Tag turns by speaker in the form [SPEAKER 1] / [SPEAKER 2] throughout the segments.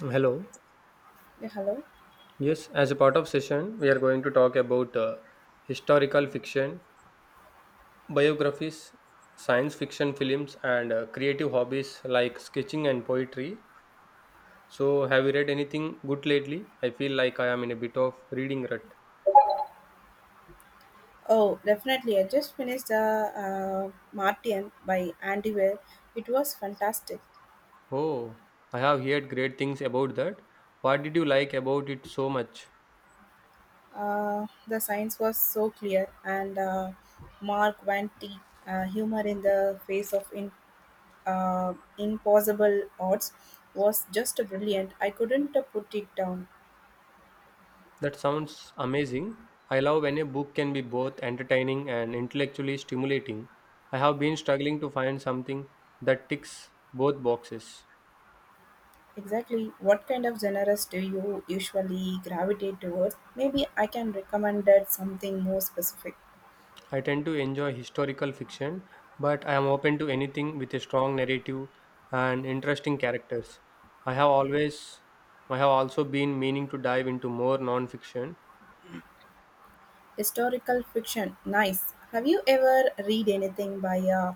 [SPEAKER 1] Hello.
[SPEAKER 2] Yeah, hello.
[SPEAKER 1] Yes, as a part of session, we are going to talk about historical fiction, biographies, science fiction films, and creative hobbies like sketching and poetry. So, have you read anything good lately? I feel like I am in a bit of reading rut.
[SPEAKER 2] Oh, definitely. I just finished the Martian by Andy Weir. It was fantastic.
[SPEAKER 1] Oh, I have heard great things about that. What did you like about it so much?
[SPEAKER 2] The science was so clear, and Mark Van T, humor in the face of impossible odds, was just brilliant. I couldn't put it down.
[SPEAKER 1] That sounds amazing. I love when a book can be both entertaining and intellectually stimulating. I have been struggling to find something that ticks both boxes.
[SPEAKER 2] Exactly. What kind of genres do you usually gravitate towards? Maybe I can recommend that something more specific.
[SPEAKER 1] I tend to enjoy historical fiction, but I am open to anything with a strong narrative and interesting characters. I have always I have also been meaning to dive into more non-fiction.
[SPEAKER 2] Historical fiction, nice. Have you ever read anything by uh,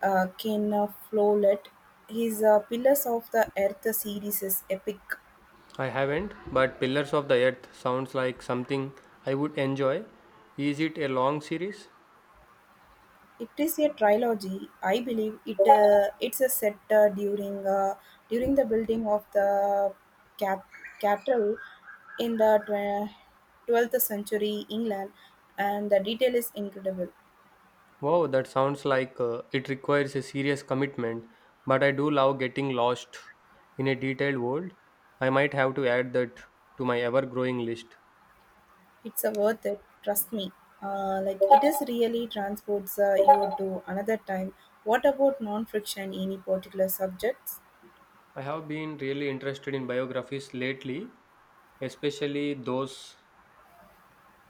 [SPEAKER 2] uh, Ken Follett? His Pillars of the Earth series is epic.
[SPEAKER 1] I haven't, but Pillars of the Earth sounds like something I would enjoy. Is it a long series?
[SPEAKER 2] It is a trilogy, I believe it. It's a set during the building of the cat- cathedral in the 12th century England, and the detail is incredible.
[SPEAKER 1] Wow, that sounds like it requires a serious commitment, but I do love getting lost in a detailed world. I might have to add that to my ever growing list.
[SPEAKER 2] It's a worth it, trust me. Like it is really transports you to another time. What about non-friction? Any particular subjects?
[SPEAKER 1] I have been really interested in biographies lately, especially those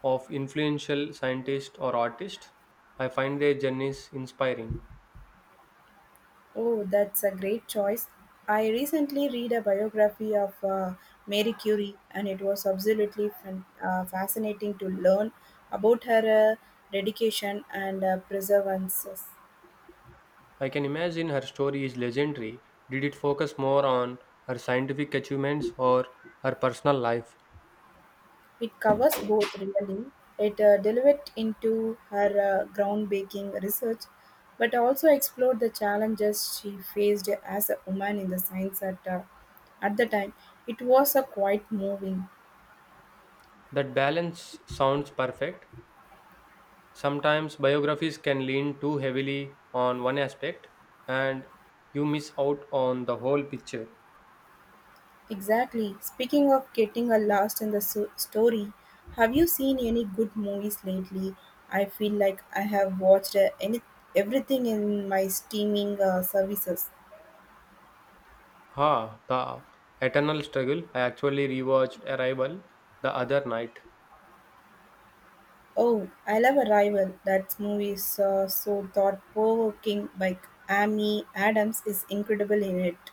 [SPEAKER 1] of influential scientists or artists. I find their journeys inspiring.
[SPEAKER 2] Oh, that's a great choice. I recently read a biography of Mary Curie, and it was absolutely fascinating to learn about her dedication and perseverance.
[SPEAKER 1] I can imagine her story is legendary. Did it focus more on her scientific achievements or her personal life?
[SPEAKER 2] It covers both really, it delved into her groundbreaking research, but also explored the challenges she faced as a woman in the science at the time. It was a quite moving.
[SPEAKER 1] That balance sounds perfect. Sometimes biographies can lean too heavily on one aspect and you miss out on the whole picture.
[SPEAKER 2] Exactly. Speaking of getting a lost in the story, have you seen any good movies lately? I feel like I have watched any everything in my streaming services.
[SPEAKER 1] Ha, the eternal struggle. I actually rewatched Arrival the other night.
[SPEAKER 2] Oh, I love Arrival. That movie is so thought provoking. Like Amy Adams is incredible in it.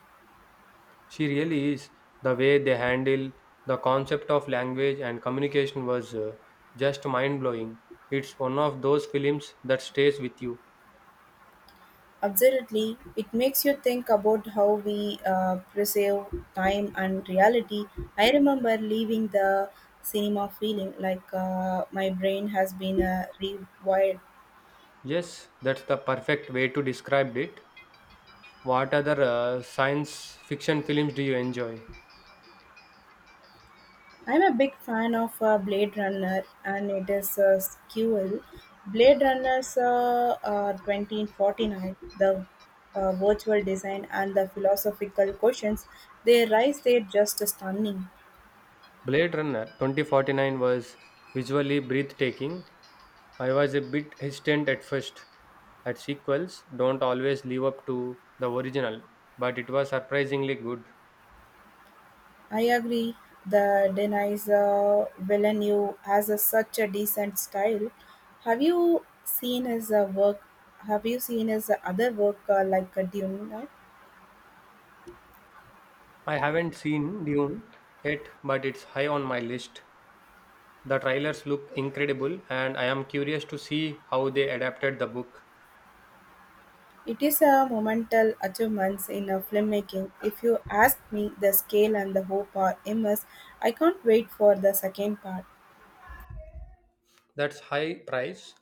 [SPEAKER 1] She really is. The way they handle the concept of language and communication was just mind blowing. It's one of those films that stays with you.
[SPEAKER 2] Absolutely. It makes you think about how we perceive time and reality. I remember leaving the cinema feeling like my brain has been rewired.
[SPEAKER 1] Yes, that's the perfect way to describe it. What other science fiction films do you enjoy?
[SPEAKER 2] I'm a big fan of Blade Runner and it is a sequel. Blade Runner's 2049, the virtual design and the philosophical questions they rise there just stunning.
[SPEAKER 1] Blade Runner 2049 was visually breathtaking. I was a bit hesitant at first, at sequels don't always live up to the original, but it was surprisingly good.
[SPEAKER 2] I agree. The denies Villeneuve has a, such a decent style. Have you seen his work? Have you seen his other work like Dune?
[SPEAKER 1] I haven't seen Dune yet, but it's high on my list. The trailers look incredible, and I am curious to see how they adapted the book.
[SPEAKER 2] It is a monumental achievement in a filmmaking. If you ask me, the scale and the hope are immense. I can't wait for the second part.
[SPEAKER 1] That's high price.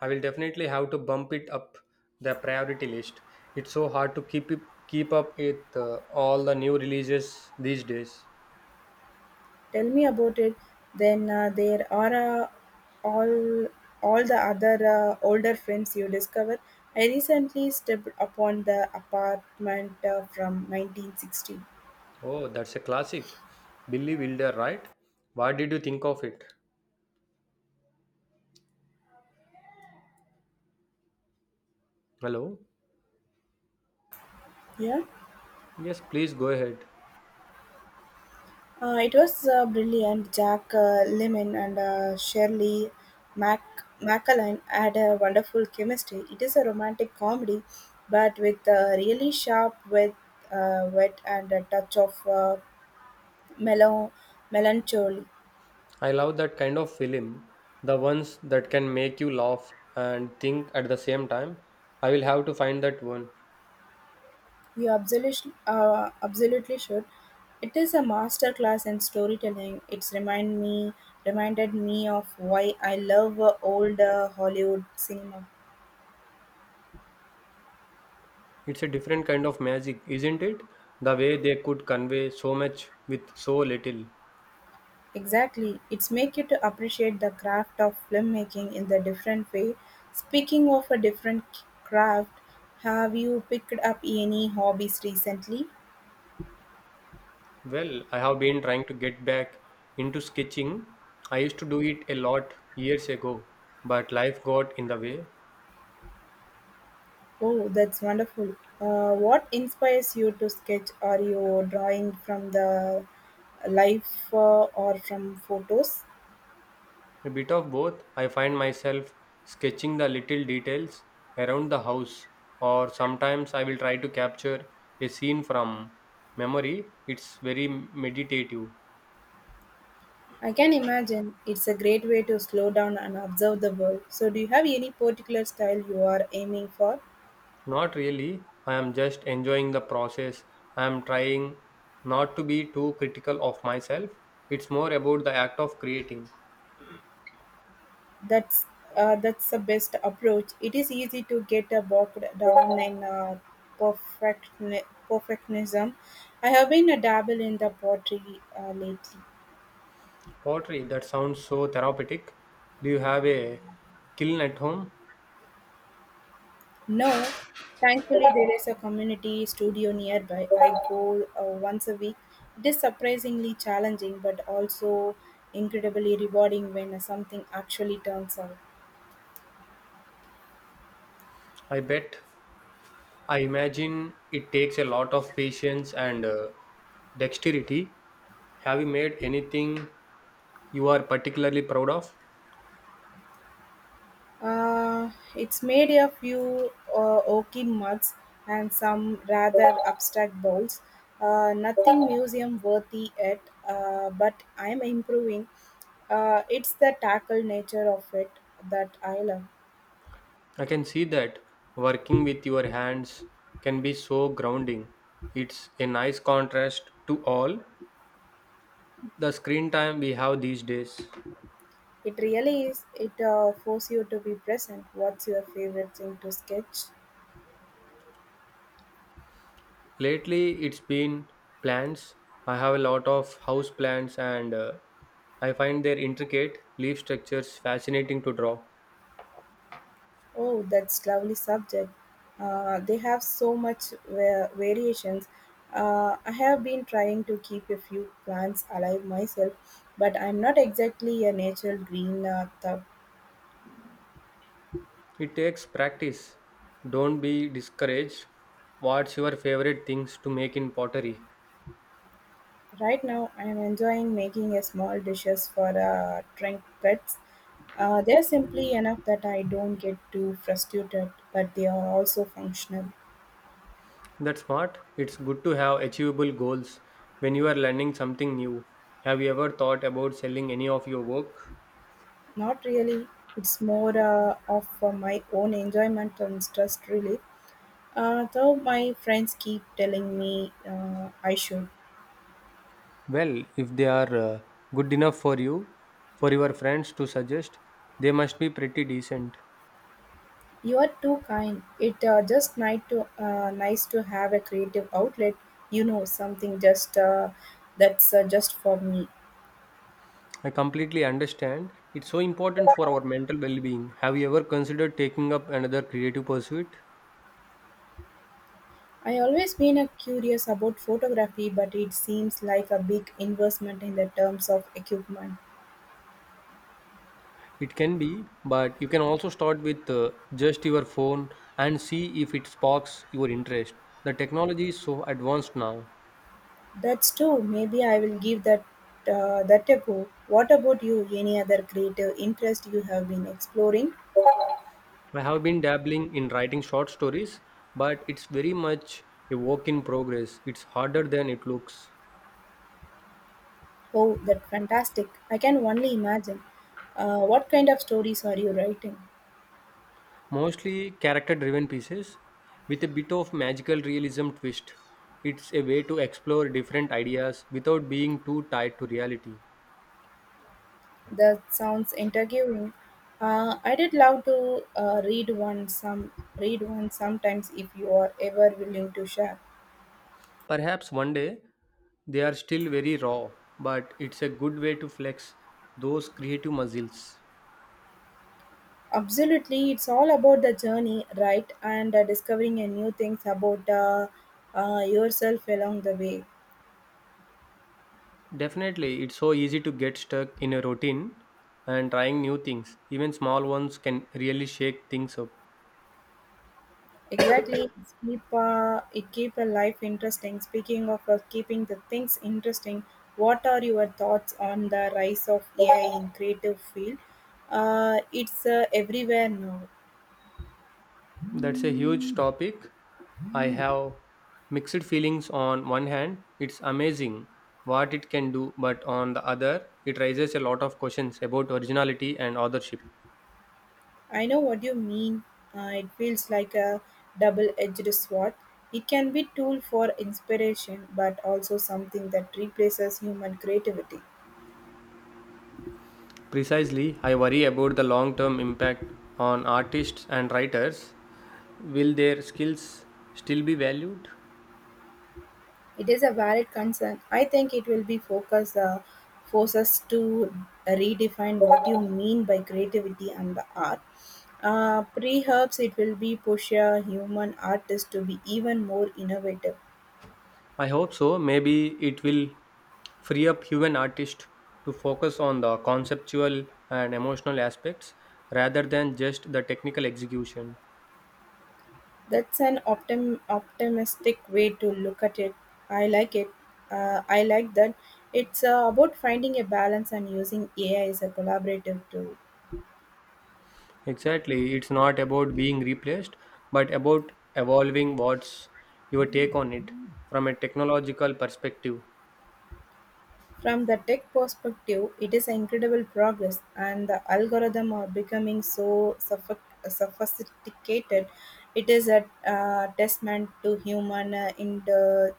[SPEAKER 1] I will definitely have to bump it up the priority list. It's so hard to keep up with all the new releases these days.
[SPEAKER 2] Tell me about it. Then there are uh, all all the other older films you discover. I recently stepped upon the apartment from 1960.
[SPEAKER 1] Oh, that's a classic. Billy Wilder, right? What did you think of it? Hello?
[SPEAKER 2] Yeah.
[SPEAKER 1] Yes, please go ahead.
[SPEAKER 2] It was brilliant. Jack Lemon and Shirley Mac MacLaine had a wonderful chemistry. It is a romantic comedy, but with a really sharp wit and a touch of mellow melancholy.
[SPEAKER 1] I love that kind of film, the ones that can make you laugh and think at the same time. I will have to find that one.
[SPEAKER 2] You absolutely, absolutely should. It is a master class in storytelling. It's remind me reminded me of why I love old Hollywood cinema.
[SPEAKER 1] It's a different kind of magic, isn't it? The way they could convey so much with so little.
[SPEAKER 2] Exactly. It's make you to appreciate the craft of filmmaking in the different way. Speaking of a different craft, have you picked up any hobbies recently?
[SPEAKER 1] Well, I have been trying to get back into sketching. I used to do it a lot years ago, but life got in the way.
[SPEAKER 2] Oh, that's wonderful. What inspires you to sketch? Are you drawing from the life or from photos?
[SPEAKER 1] A bit of both. I find myself sketching the little details around the house, or sometimes I will try to capture a scene from memory. It's very meditative.
[SPEAKER 2] I can imagine it's a great way to slow down and observe the world. So, do you have any particular style you are aiming for?
[SPEAKER 1] Not really. I am just enjoying the process. I am trying not to be too critical of myself. It's more about the act of creating.
[SPEAKER 2] That's that's the best approach. It is easy to get bogged down in perfect perfectionism. I have been a dabble in the pottery lately.
[SPEAKER 1] Pottery, that sounds so therapeutic. Do you have a kiln at home?
[SPEAKER 2] No, thankfully there is a community studio nearby. I go once a week. It is surprisingly challenging, but also incredibly rewarding when something actually turns out.
[SPEAKER 1] I bet. I imagine it takes a lot of patience and dexterity. Have you made anything you are particularly proud of?
[SPEAKER 2] It's made a few oaky mugs and some rather abstract bowls. Nothing museum worthy yet, but I'm improving. It's the tackle nature of it that I love.
[SPEAKER 1] I can see that working with your hands can be so grounding. It's a nice contrast to all the screen time we have these days.
[SPEAKER 2] It really is. It forces you to be present. What's your favorite thing to sketch?
[SPEAKER 1] Lately, it's been plants. I have a lot of house plants and I find their intricate leaf structures fascinating to draw.
[SPEAKER 2] Oh, that's lovely subject. They have so much variations. I have been trying to keep a few plants alive myself, but I'm not exactly a natural green thug.
[SPEAKER 1] It takes practice. Don't be discouraged. What's your favorite things to make in pottery?
[SPEAKER 2] Right now, I'm enjoying making a small dishes for trinkets. They're simply enough that I don't get too frustrated, but they are also functional.
[SPEAKER 1] That's smart. It's good to have achievable goals when you are learning something new. Have you ever thought about selling any of your work?
[SPEAKER 2] Not really. It's more of my own enjoyment and stress relief. Though my friends keep telling me I should.
[SPEAKER 1] Well, if they are good enough for you, for your friends to suggest, they must be pretty decent.
[SPEAKER 2] You are too kind. It just nice to nice to have a creative outlet. You know something just that's just for me.
[SPEAKER 1] I completely understand. It's so important for our mental well being. Have you ever considered taking up another creative pursuit?
[SPEAKER 2] I always been curious about photography, but it seems like a big investment in the terms of equipment.
[SPEAKER 1] It can be, but you can also start with just your phone and see if it sparks your interest. The technology is so advanced now.
[SPEAKER 2] That's true. Maybe I will give that a go. What about you? Any other creative interest you have been exploring?
[SPEAKER 1] I have been dabbling in writing short stories, but it's very much a work in progress. It's harder than it looks.
[SPEAKER 2] Oh, that's fantastic. I can only imagine. What kind of stories are you writing?
[SPEAKER 1] Mostly character driven pieces with a bit of magical realism twist. It's a way to explore different ideas without being too tied to reality.
[SPEAKER 2] That sounds intriguing. I did love to read one sometimes if you are ever willing to share.
[SPEAKER 1] Perhaps one day they are still very raw, but it's a good way to flex those creative muscles.
[SPEAKER 2] Absolutely, it's all about the journey, right? And discovering a new things about yourself along the way.
[SPEAKER 1] Definitely, it's so easy to get stuck in a routine and trying new things. Even small ones can really shake things up.
[SPEAKER 2] Exactly. It keep a life interesting. Speaking of keeping the things interesting, what are your thoughts on the rise of AI in creative field? It's Everywhere now.
[SPEAKER 1] That's a huge topic. I have mixed feelings on one hand, it's amazing what it can do, but on the other, it raises a lot of questions about originality and authorship.
[SPEAKER 2] I know what you mean. It feels like a double-edged sword. It can be tool for inspiration, but also something that replaces human creativity.
[SPEAKER 1] Precisely, I worry about the long term impact on artists and writers. Will their skills still be valued?
[SPEAKER 2] It is a valid concern. I think it will be focus force us to redefine what you mean by creativity and the art. Perhaps it will be push a human artist to be even more innovative.
[SPEAKER 1] I hope so. Maybe it will free up human artists to focus on the conceptual and emotional aspects rather than just the technical execution.
[SPEAKER 2] That's an optimistic way to look at it. I like it. I like that. It's About finding a balance and using AI as a collaborative tool.
[SPEAKER 1] Exactly. It's not about being replaced, but about evolving what's your take on it from a technological perspective.
[SPEAKER 2] From the tech perspective, it is incredible progress, and the algorithms are becoming so sophisticated. It is a testament to human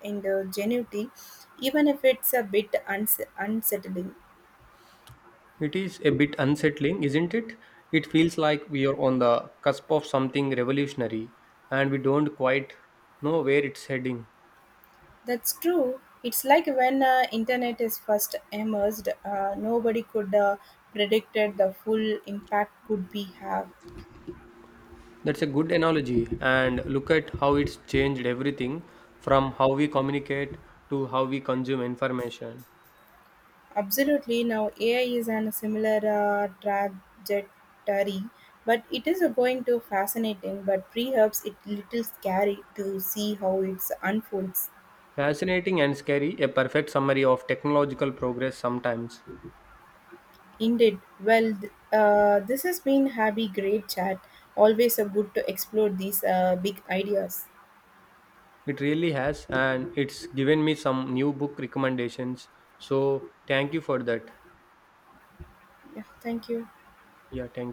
[SPEAKER 2] ingenuity, even if it's a bit unsettling.
[SPEAKER 1] It is a bit unsettling, isn't it? It feels like we are on the cusp of something revolutionary and we don't quite know where it's heading.
[SPEAKER 2] That's true. It's like when internet is first emerged, nobody could predicted the full impact could be have.
[SPEAKER 1] That's a good analogy. And look at how it's changed everything from how we communicate to how we consume information.
[SPEAKER 2] Absolutely. Now, AI is on a similar trajectory, but it is going to fascinating. But perhaps it little scary to see how it unfolds.
[SPEAKER 1] Fascinating and scary, a perfect summary of technological progress sometimes.
[SPEAKER 2] Indeed. Well, this has been happy great chat. Always a good to explore these big ideas.
[SPEAKER 1] It really has, and it's given me some new book recommendations. So, thank you for that.
[SPEAKER 2] Yeah. Thank you.
[SPEAKER 1] Yeah, thank you.